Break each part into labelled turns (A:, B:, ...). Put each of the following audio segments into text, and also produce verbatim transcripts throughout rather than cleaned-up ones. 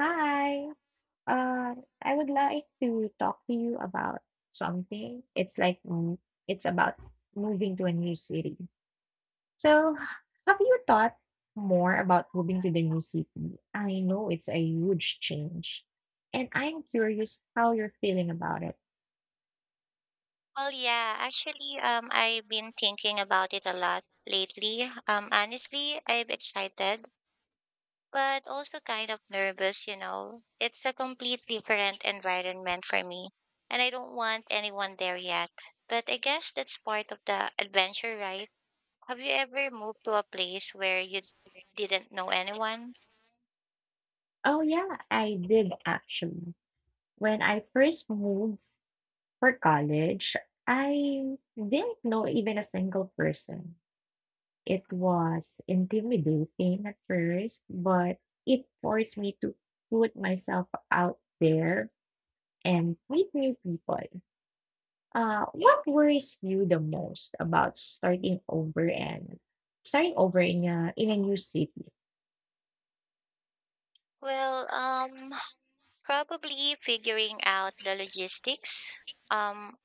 A: Hi. Uh, I would like to talk to you about something. It's like mm, it's about moving to a new city. So, have you thought more about moving to the new city? I know it's a huge change, and I'm curious how you're feeling about it.
B: Well, yeah, actually, um, I've been thinking about it a lot lately. Um, honestly, I'm excited, but also kind of nervous, you know. It's a complete different environment for me, and I don't want anyone there yet. But I guess that's part of the adventure, right? Have you ever moved to a place where you didn't know anyone?
A: Oh, yeah, I did actually. When I first moved for college, I didn't know even a single person. It was intimidating at first, but it forced me to put myself out there and meet new people. Uh, what worries you the most about starting over and starting over in a in a new city?
B: Well, um, probably figuring out the logistics. Um,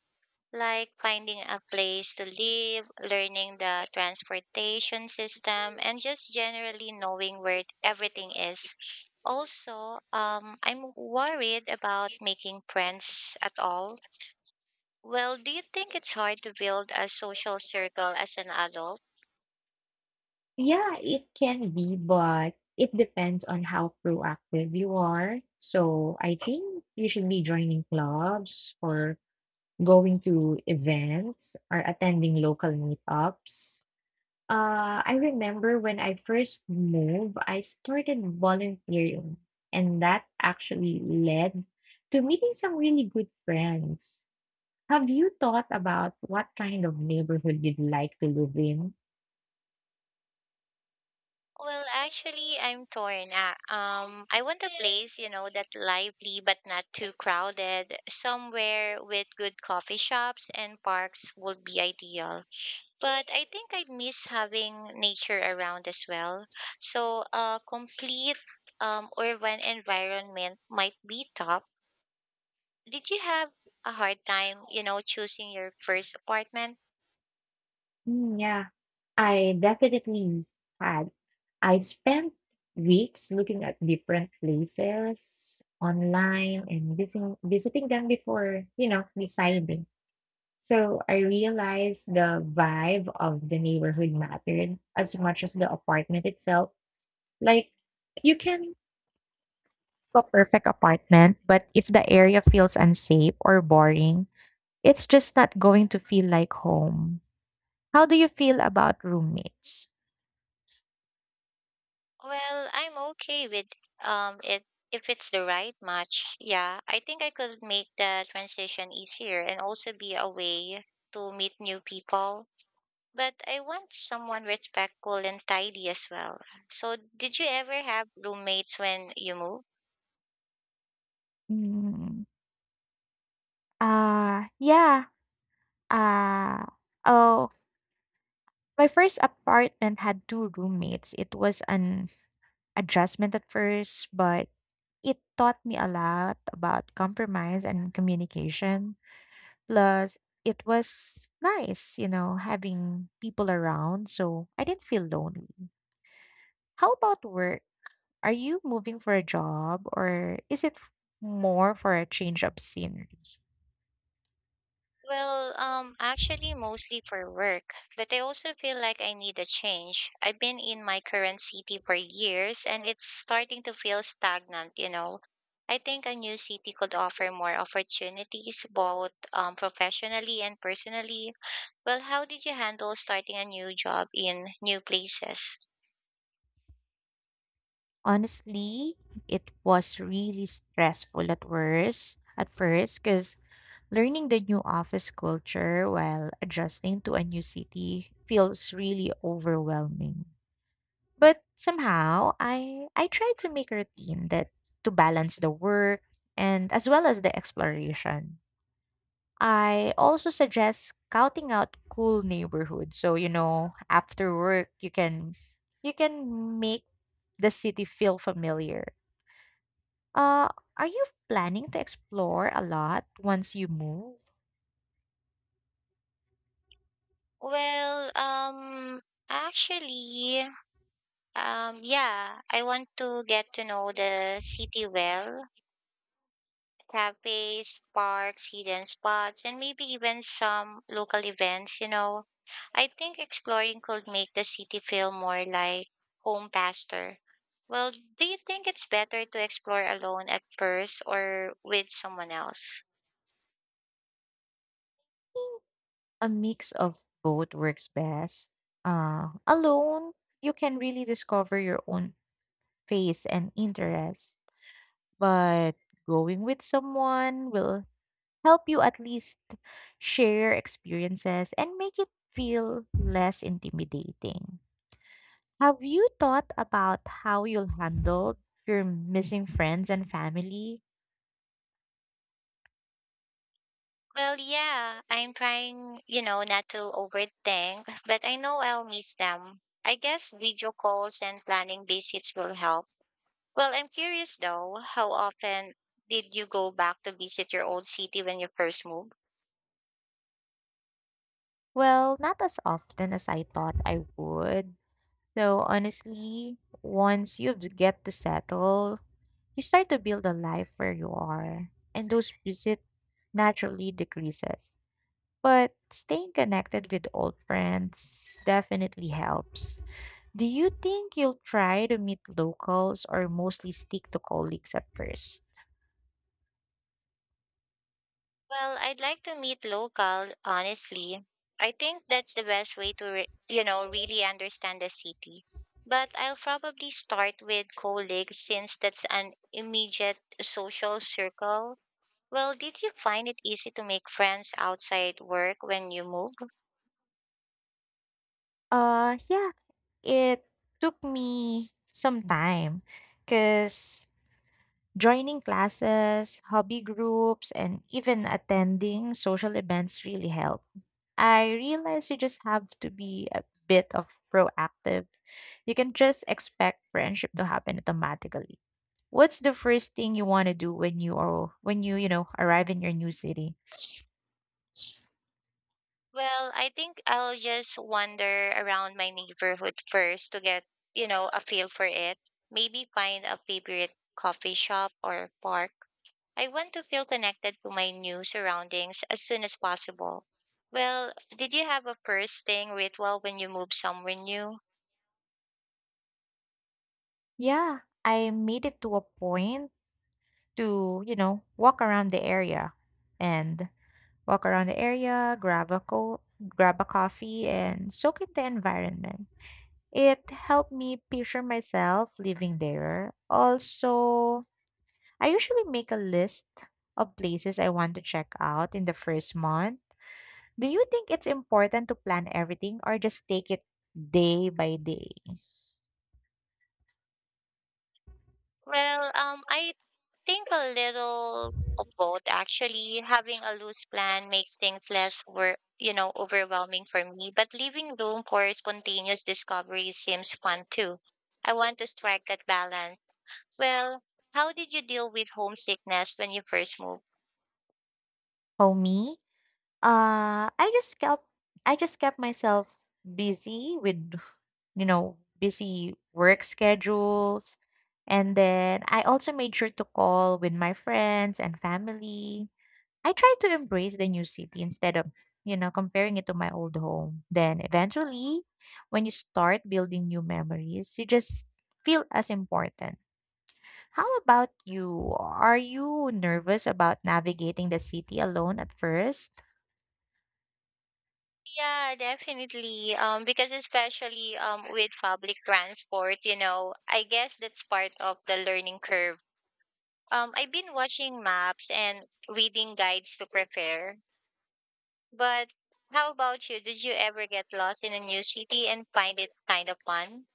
B: like finding a place to live, learning the transportation system, and just generally knowing where everything is. Also, um, I'm worried about making friends at all. Well, do you think it's hard to build a social circle as an adult?
A: Yeah, it can be, but it depends on how proactive you are. So I think you should be joining clubs or going to events or attending local meetups. Uh, I remember when I first moved, I started volunteering, and that actually led to meeting some really good friends. Have you thought about what kind of neighborhood you'd like to live in?
B: Well, actually, I'm torn. Uh, um, I want a place, you know, that's lively but not too crowded. Somewhere with good coffee shops and parks would be ideal. But I think I'd miss having nature around as well. So a complete um, urban environment might be top. Did you have a hard time, you know, choosing your first apartment?
A: Mm, yeah, I definitely had. I spent weeks looking at different places online and visiting, visiting them before, you know, deciding. So I realized the vibe of the neighborhood mattered as much as the apartment itself. Like, you can have a perfect apartment, but if the area feels unsafe or boring, it's just not going to feel like home. How do you feel about roommates?
B: Well, I'm okay with um it if it's the right match. Yeah, I think I could make the transition easier and also be a way to meet new people. But I want someone respectful and tidy as well. So, did you ever have roommates when you moved?
A: Mm, uh, yeah. Uh, oh, my first apartment had two roommates. It was an adjustment at first, but it taught me a lot about compromise and communication. Plus, it was nice, you know, having people around, so I didn't feel lonely. How about work? Are you moving for a job or is it f- more for a change of scenery?
B: Well, um, actually, mostly for work, but I also feel like I need a change. I've been in my current city for years and it's starting to feel stagnant, you know. I think a new city could offer more opportunities, both um, professionally and personally. Well, how did you handle starting a new job in new places?
A: Honestly, it was really stressful at worst at first because learning the new office culture while adjusting to a new city feels really overwhelming. But somehow I I try to make a routine that to balance the work and as well as the exploration. I also suggest scouting out cool neighborhoods. So, you know, after work you can you can make the city feel familiar. Uh are you planning to explore a lot once you move?
B: Well, um, actually, um, yeah, I want to get to know the city well, cafes, parks, hidden spots, and maybe even some local events, you know. I think exploring could make the city feel more like home faster. Well, do you think it's better to explore alone at first or with someone else?
A: A mix of both works best. Uh, alone, you can really discover your own face and interest, but going with someone will help you at least share experiences and make it feel less intimidating. Have you thought about how you'll handle your missing friends and family?
B: Well, yeah, I'm trying, you know, not to overthink, but I know I'll miss them. I guess video calls and planning visits will help. Well, I'm curious though, how often did you go back to visit your old city when you first moved?
A: Well, not as often as I thought I would. So honestly, once you get to settle, you start to build a life where you are, and those visit naturally decreases. But staying connected with old friends definitely helps. Do you think you'll try to meet locals or mostly stick to colleagues at first?
B: Well, I'd like to meet local, honestly. I think that's the best way to, re- you know, really understand the city. But I'll probably start with colleagues since that's an immediate social circle. Well, did you find it easy to make friends outside work when you moved?
A: Uh, yeah, it took me some time because joining classes, hobby groups, and even attending social events really helped. I realize you just have to be a bit of proactive. You can just expect friendship to happen automatically. What's the first thing you want to do when you are when you, you know, arrive in your new city?
B: Well, I think I'll just wander around my neighborhood first to get, you know, a feel for it. Maybe find a favorite coffee shop or park. I want to feel connected to my new surroundings as soon as possible. Well, did you have a first thing ritual when you moved somewhere new?
A: Yeah, I made it to a point to, you know, walk around the area and walk around the area, grab a co- grab a coffee and soak in the environment. It helped me picture myself living there. Also, I usually make a list of places I want to check out in the first month. Do you think it's important to plan everything or just take it day by day?
B: Well, um, I think a little of both. Actually, having a loose plan makes things less wor- you know, overwhelming for me, but leaving room for spontaneous discovery seems fun too. I want to strike that balance. Well, how did you deal with homesickness when you first moved?
A: For me, uh, I just kept I just kept myself busy with you know busy work schedules, and then I also made sure to call with my friends and family. I tried to embrace the new city instead of, you know, comparing it to my old home. Then eventually, when you start building new memories, you just feel as important. How about you? Are you nervous about navigating the city alone at first?
B: Yeah, definitely, um because especially um with public transport, you know, I guess that's part of the learning curve. um I've been watching maps and reading guides to prepare. But how about you? Did you ever get lost in a new city and find it kind of fun?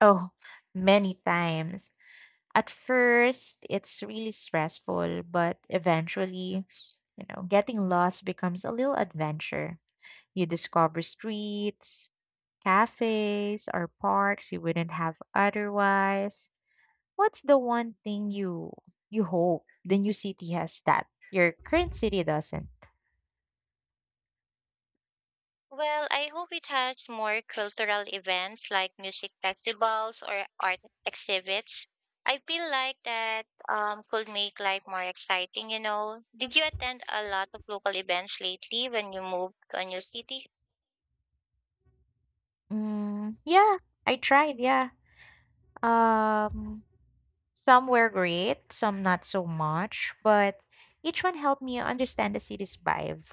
A: Oh, many times. At first, it's really stressful, but eventually, you know, getting lost becomes a little adventure. You discover streets, cafes, or parks you wouldn't have otherwise. What's the one thing you you hope the new city has that your current city doesn't?
B: Well, I hope it has more cultural events like music festivals or art exhibits. I feel like that um, could make life more exciting, you know. Did you attend a lot of local events lately when you moved to a new city?
A: Mm, yeah, I tried. Yeah, um, some were great, some not so much, but each one helped me understand the city's vibe.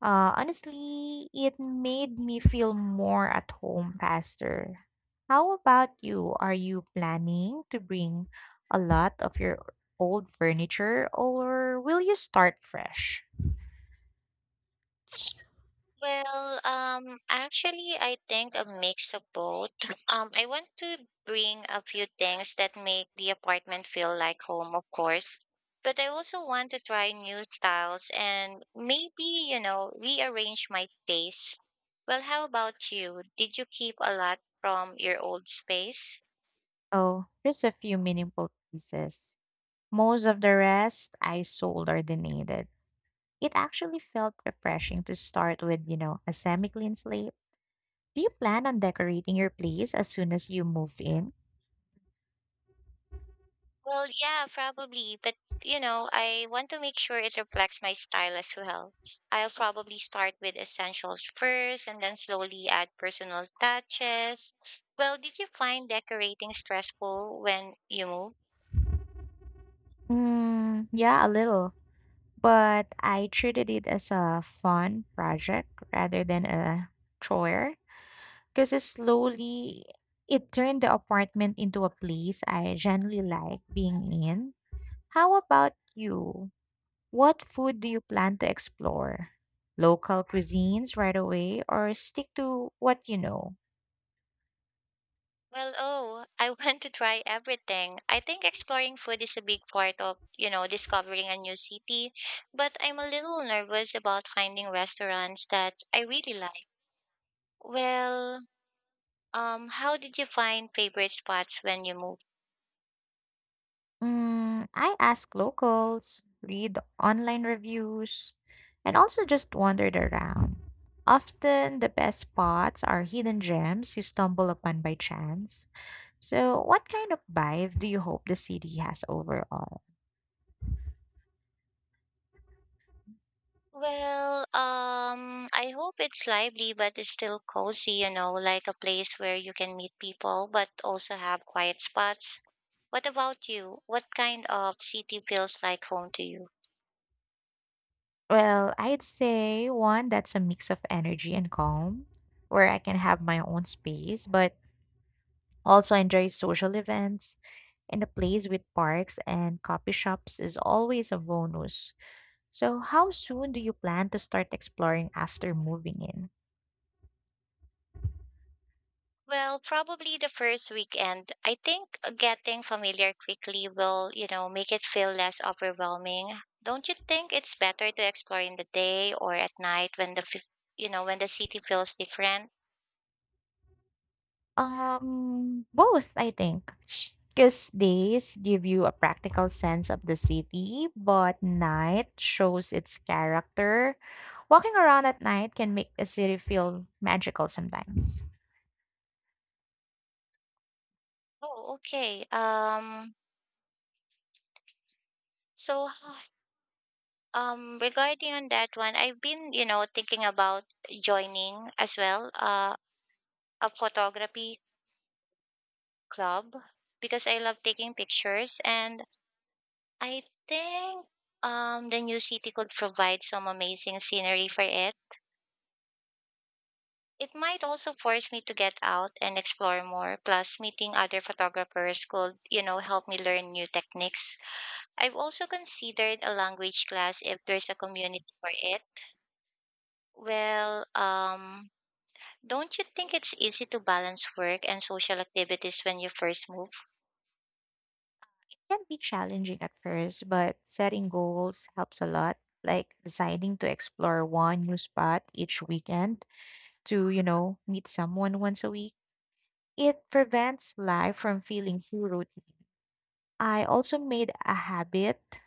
A: Uh, honestly, it made me feel more at home faster. How about you? Are you planning to bring a lot of your old furniture or will you start fresh?
B: Well, um, actually, I think a mix of both. Um, I want to bring a few things that make the apartment feel like home, of course, but I also want to try new styles and maybe, you know, rearrange my space. Well, how about you? Did you keep a lot from your old space?
A: Oh, just a few meaningful pieces. Most of the rest I sold or donated. It actually felt refreshing to start with, you know, a semi clean slate. Do you plan on decorating your place as soon as you move in?
B: Well, yeah, probably, but you know, I want to make sure it reflects my style as well. I'll probably start with essentials first and then slowly add personal touches. Well, did you find decorating stressful when you moved?
A: Mm, yeah, a little, but I treated it as a fun project rather than a chore, because slowly it turned the apartment into a place I genuinely like being in. How about you? What food do you plan to explore? Local cuisines right away or stick to what you know?
B: Well, oh, I want to try everything. I think exploring food is a big part of, you know, discovering a new city, but I'm a little nervous about finding restaurants that I really like. Well, Um, how did you find favorite spots when you moved?
A: Mm, I ask locals, read online reviews, and also just wandered around. Often the best spots are hidden gems you stumble upon by chance. So, what kind of vibe do you hope the city has overall?
B: Well, um, I hope it's lively, but it's still cozy, you know, like a place where you can meet people, but also have quiet spots. What about you? What kind of city feels like home to you?
A: Well, I'd say one that's a mix of energy and calm, where I can have my own space, but also enjoy social events, and a place with parks and coffee shops is always a bonus. So, how soon do you plan to start exploring after moving in?
B: Well, probably the first weekend. I think getting familiar quickly will, you know, make it feel less overwhelming. Don't you think it's better to explore in the day or at night when the, f- you know, when the city feels different?
A: Um, both, I think. Because days give you a practical sense of the city, but night shows its character. Walking around at night can make a city feel magical sometimes.
B: Oh, okay. Um, so h- um, regarding on that one, I've been, you know, thinking about joining as well, uh, a photography club because I love taking pictures, and I think um the new city could provide some amazing scenery for it. It might also force me to get out and explore more. Plus, meeting other photographers could, you know, help me learn new techniques. I've also considered a language class if there's a community for it. Well, um, don't you think it's easy to balance work and social activities when you first move?
A: Can be challenging at first, but setting goals helps a lot. Like deciding to explore one new spot each weekend to, you know, meet someone once a week. It prevents life from feeling too routine. I also made a habit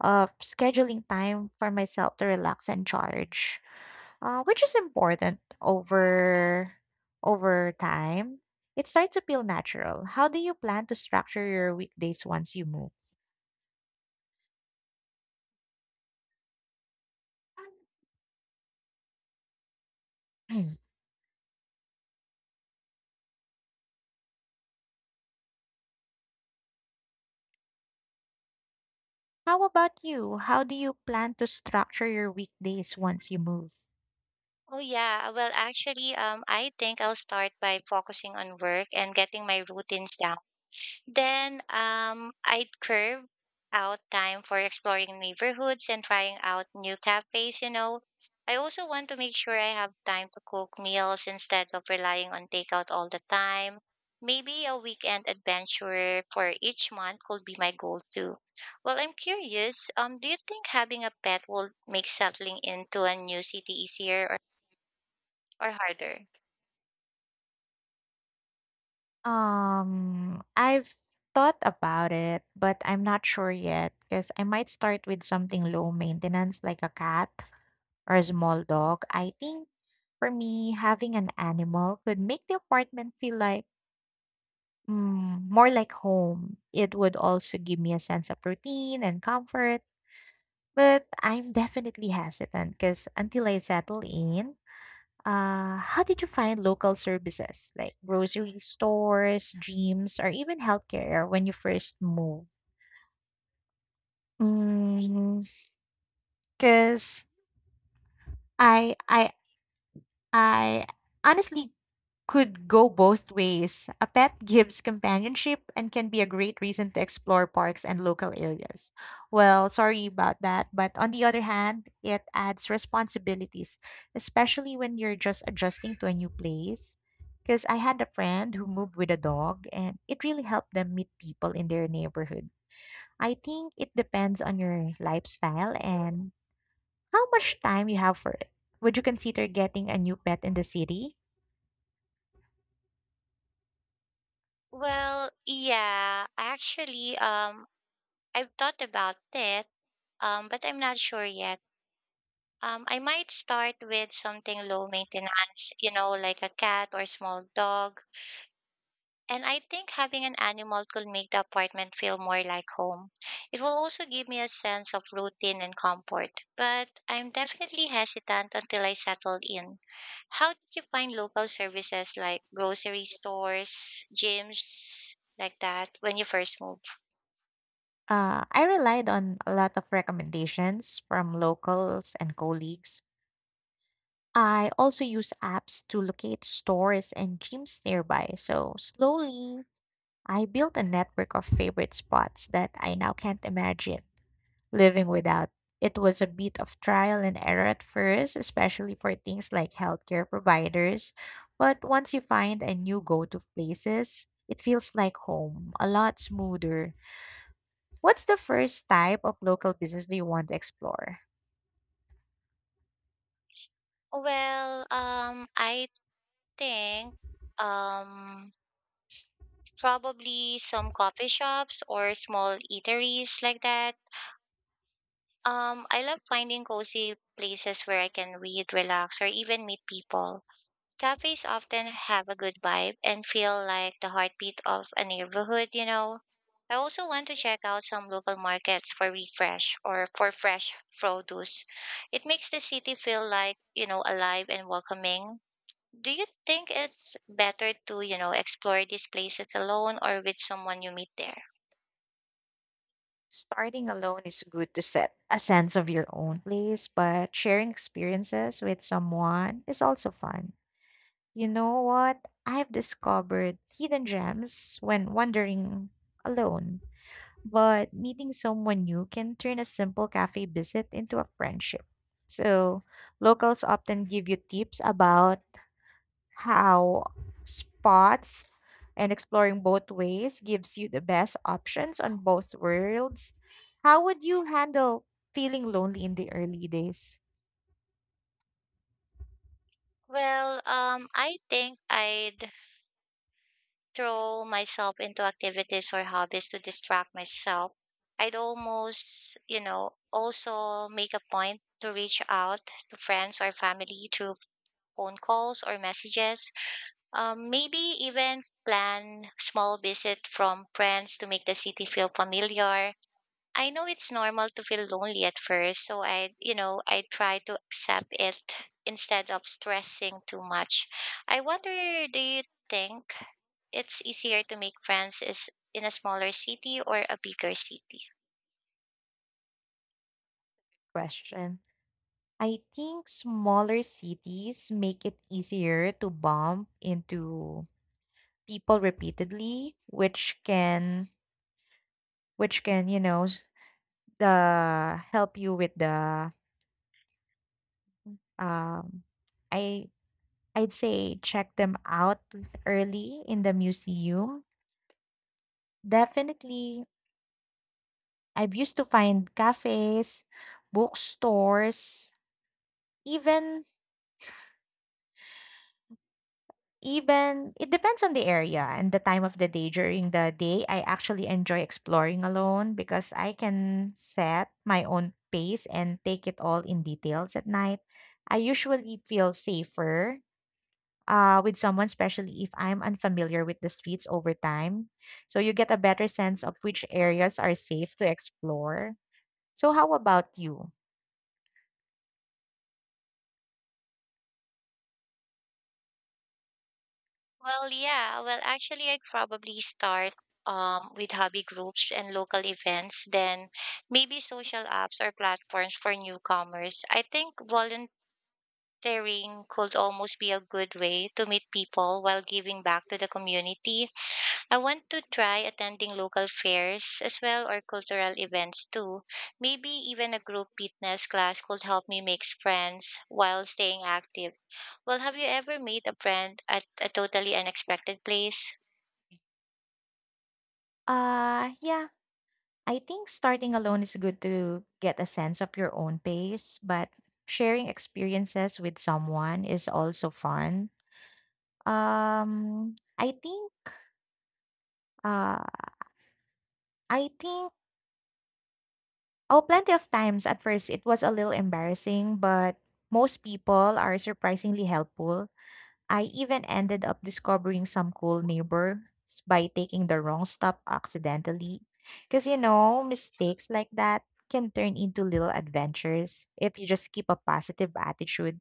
A: of scheduling time for myself to relax and charge, uh, which is important. Over over time, it starts to feel natural. How do you plan to structure your weekdays once you move? How about you? How do you plan to structure your weekdays once you move?
B: Oh yeah, well actually um I think I'll start by focusing on work and getting my routines down. Then um, I'd curve out time for exploring neighborhoods and trying out new cafes, you know. I also want to make sure I have time to cook meals instead of relying on takeout all the time. Maybe a weekend adventure for each month could be my goal too. Well, I'm curious, um, do you think having a pet will make settling into a new city easier or, or harder?
A: Um, I've thought about it, but I'm not sure yet because I might start with something low maintenance like a cat or a small dog. I think for me, having an animal could make the apartment feel like, mm, more like home. It would also give me a sense of routine and comfort. But I'm definitely hesitant because until I settle in, uh, how did you find local services like grocery stores, gyms, or even healthcare when you first moved? Because I, I, I honestly could go both ways. A pet gives companionship and can be a great reason to explore parks and local areas. Well, sorry about that, but on the other hand, it adds responsibilities, especially when you're just adjusting to a new place. Because I had a friend who moved with a dog, and it really helped them meet people in their neighborhood. I think it depends on your lifestyle and how much time you have for it. Would you consider getting a new pet in the city?
B: Well, yeah, actually, um, I've thought about it, um, but I'm not sure yet. Um, I might start with something low maintenance, you know, like a cat or small dog. And I think having an animal could make the apartment feel more like home. It will also give me a sense of routine and comfort. But I'm definitely hesitant until I settle in. How did you find local services like grocery stores, gyms, like that when you first moved?
A: Uh, I relied on a lot of recommendations from locals and colleagues. I also use apps to locate stores and gyms nearby. So slowly, I built a network of favorite spots that I now can't imagine living without. It was a bit of trial and error at first, especially for things like healthcare providers. But once you find a new go to places, it feels like home, a lot smoother. What's the first type of local business do you want to explore?
B: Well, um, I think um probably some coffee shops or small eateries like that. Um I love finding cozy places where I can read, relax or even meet people. Cafes often have a good vibe and feel like the heartbeat of a neighborhood, you know. I also want to check out some local markets for refresh or for fresh produce. It makes the city feel like, you know, alive and welcoming. Do you think it's better to, you know, explore these places alone or with someone you meet there?
A: Starting alone is good to set a sense of your own place, but sharing experiences with someone is also fun. You know what? I've discovered hidden gems when wandering alone, but meeting someone new can turn a simple cafe visit into a friendship. So, locals often give you tips about how spots and exploring both ways gives you the best options on both worlds. How would you handle feeling lonely in the early days?
B: Well, um, I think I'd throw myself into activities or hobbies to distract myself. I'd almost, you know, also make a point to reach out to friends or family through phone calls or messages. Um, maybe even plan small visit from friends to make the city feel familiar. I know it's normal to feel lonely at first, so I, you know, I try to accept it instead of stressing too much. I wonder, do you think it's easier to make friends is in a smaller city or a bigger city?
A: Question. I think smaller cities make it easier to bump into people repeatedly, which can which can, you know, s- the help you with the um I I'd say check them out early in the museum. Definitely. I've used to find cafes, bookstores, even even it depends on the area and the time of the day. During the day, I actually enjoy exploring alone because I can set my own pace and take it all in details at night. I usually feel safer uh, with someone, especially if I'm unfamiliar with the streets over time. So you get a better sense of which areas are safe to explore. So, how about you?
B: Well, yeah. Well, actually, I'd probably start um, with hobby groups and local events, then maybe social apps or platforms for newcomers. I think volunteering volunteering could almost be a good way to meet people while giving back to the community. I want to try attending local fairs as well or cultural events too. Maybe even a group fitness class could help me make friends while staying active. Well, have you ever made a friend at a totally unexpected place?
A: Uh, yeah, I think starting alone is good to get a sense of your own pace, but sharing experiences with someone is also fun. Um, I think, uh, I think, oh, Plenty of times at first it was a little embarrassing, but most people are surprisingly helpful. I even ended up discovering some cool neighbors by taking the wrong stop accidentally. Because, you know, mistakes like that can turn into little adventures if you just keep a positive attitude.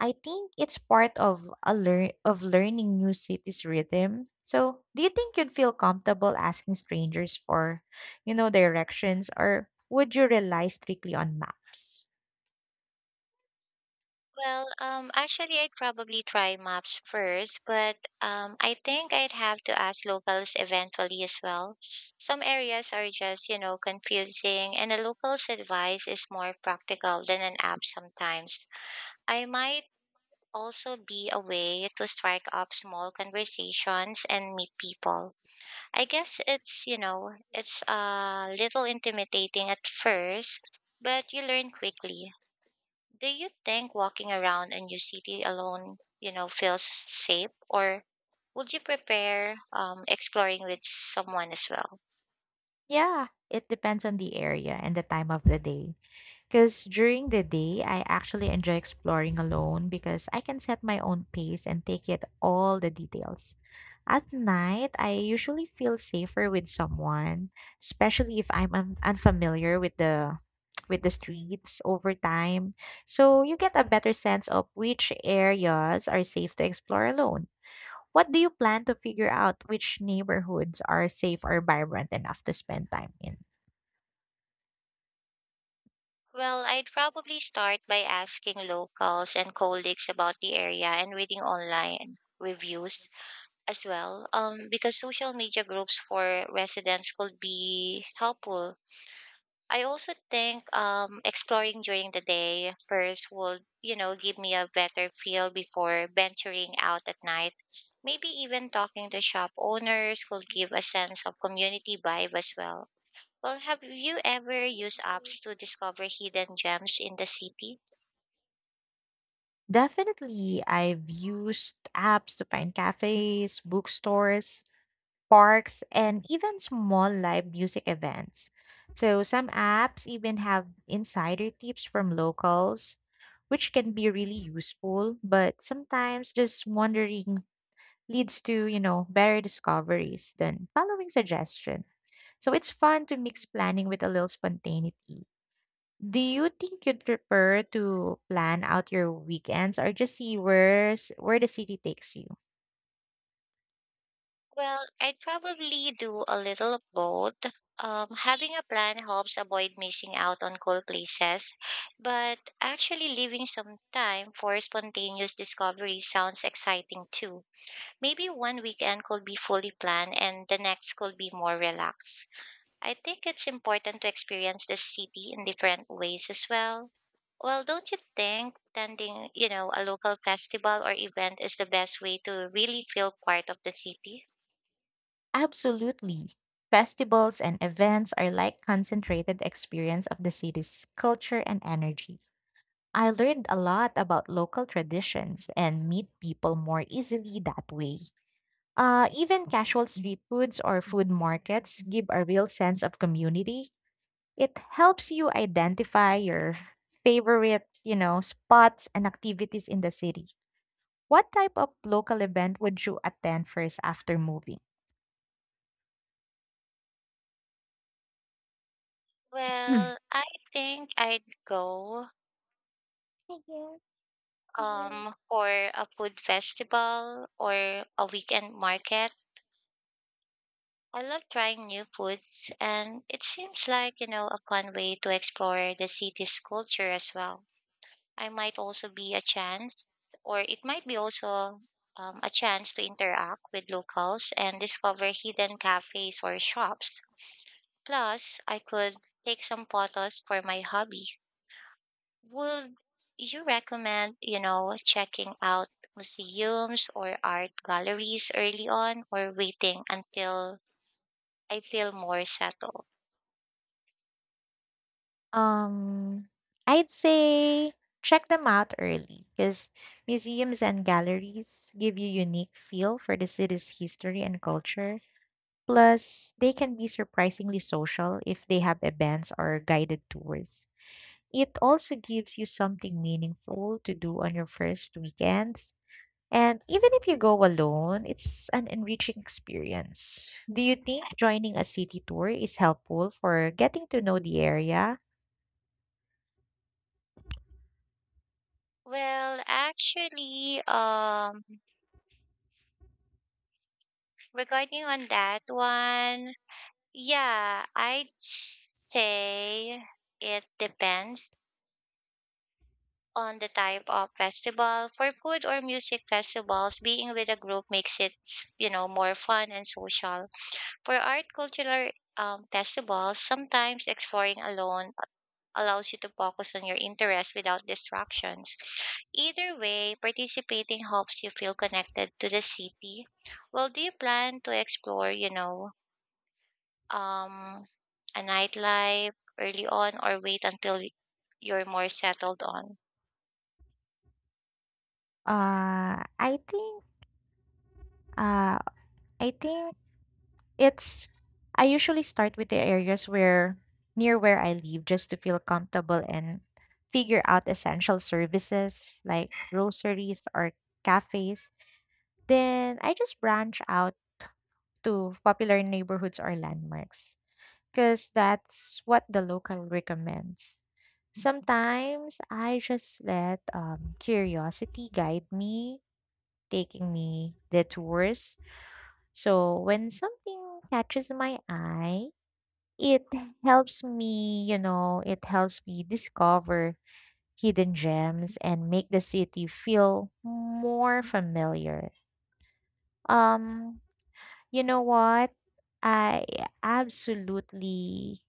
A: I think it's part of a learn of learning new cities rhythm. So, do you think you'd feel comfortable asking strangers for, you know, directions, or would you rely strictly on maps?
B: Well, um, actually, I'd probably try maps first, but um, I think I'd have to ask locals eventually as well. Some areas are just, you know, confusing, and a local's advice is more practical than an app sometimes. I might also be a way to strike up small conversations and meet people. I guess it's, you know, it's a little intimidating at first, but you learn quickly. Do you think walking around a new city alone, you know, feels safe, or would you prepare um, exploring with someone as well?
A: Yeah, it depends on the area and the time of the day. Because during the day, I actually enjoy exploring alone because I can set my own pace and take in all the details. At night, I usually feel safer with someone, especially if I'm un- unfamiliar with the with the streets over time. So you get a better sense of which areas are safe to explore alone. What do you plan to figure out which neighborhoods are safe or vibrant enough to spend time in?
B: Well, I'd probably start by asking locals and colleagues about the area and reading online reviews as well, um, because social media groups for residents could be helpful. I also think um, exploring during the day first will, you know, give me a better feel before venturing out at night. Maybe even talking to shop owners could give a sense of community vibe as well. Well, have you ever used apps to discover hidden gems in the city?
A: Definitely, I've used apps to find cafes, bookstores, parks, and even small live music events. So, some apps even have insider tips from locals, which can be really useful, but sometimes just wondering leads to, you know, better discoveries than following suggestion. So, it's fun to mix planning with a little spontaneity. Do you think you'd prefer to plan out your weekends or just see where's, where the city takes you?
B: Well, I'd probably do a little of both. Um, having a plan helps avoid missing out on cool places, but actually leaving some time for spontaneous discovery sounds exciting too. Maybe one weekend could be fully planned and the next could be more relaxed. I think it's important to experience the city in different ways as well. Well, don't you think attending, you know, a local festival or event is the best way to really feel part of the city?
A: Absolutely. Festivals and events are like concentrated experience of the city's culture and energy. I learned a lot about local traditions and meet people more easily that way. Uh, even casual street foods or food markets give a real sense of community. It helps you identify your favorite, you know, spots and activities in the city. What type of local event would you attend first after moving?
B: Well, I think I'd go um for a food festival or a weekend market. I love trying new foods and it seems like, you know, a fun way to explore the city's culture as well. I might also be a chance, or it might be also um, a chance to interact with locals and discover hidden cafes or shops. Plus, I could take some photos for my hobby. Would you recommend, you know, checking out museums or art galleries early on or waiting until I feel more settled?
A: Um, I'd say check them out early because museums and galleries give you unique feel for the city's history and culture. Plus, they can be surprisingly social if they have events or guided tours. It also gives you something meaningful to do on your first weekends. And even if you go alone, it's an enriching experience. Do you think joining a city tour is helpful for getting to know the area?
B: Well, actually, um, regarding on that one, yeah, I'd say it depends on the type of festival. For food or music festivals, being with a group makes it, you know, more fun and social. For art cultural um, festivals, sometimes exploring alone allows you to focus on your interests without distractions. Either way, participating helps you feel connected to the city. Well, do you plan to explore, you know, um, a nightlife early on or wait until y- you're more settled on?
A: Uh, I think uh, I think it's I usually start with the areas where near where I live just to feel comfortable and figure out essential services like groceries or cafes. Then I just branch out to popular neighborhoods or landmarks because that's what the local recommends. Sometimes I just let um, curiosity guide me, taking me detours. So when something catches my eye, it helps me, you know, it helps me discover hidden gems and make the city feel more familiar. Um, You know what? I absolutely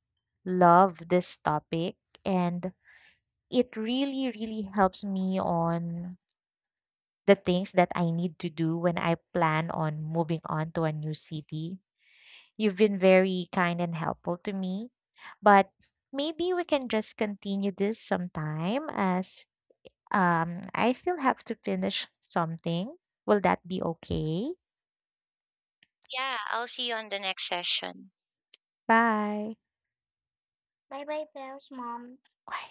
A: love this topic, and it really, really helps me on the things that I need to do when I plan on moving on to a new city. You've been very kind and helpful to me, but maybe we can just continue this sometime as um, I still have to finish something. Will that be okay?
B: Yeah, I'll see you on the next session.
A: Bye. Bye bye, Bells Mom. Bye.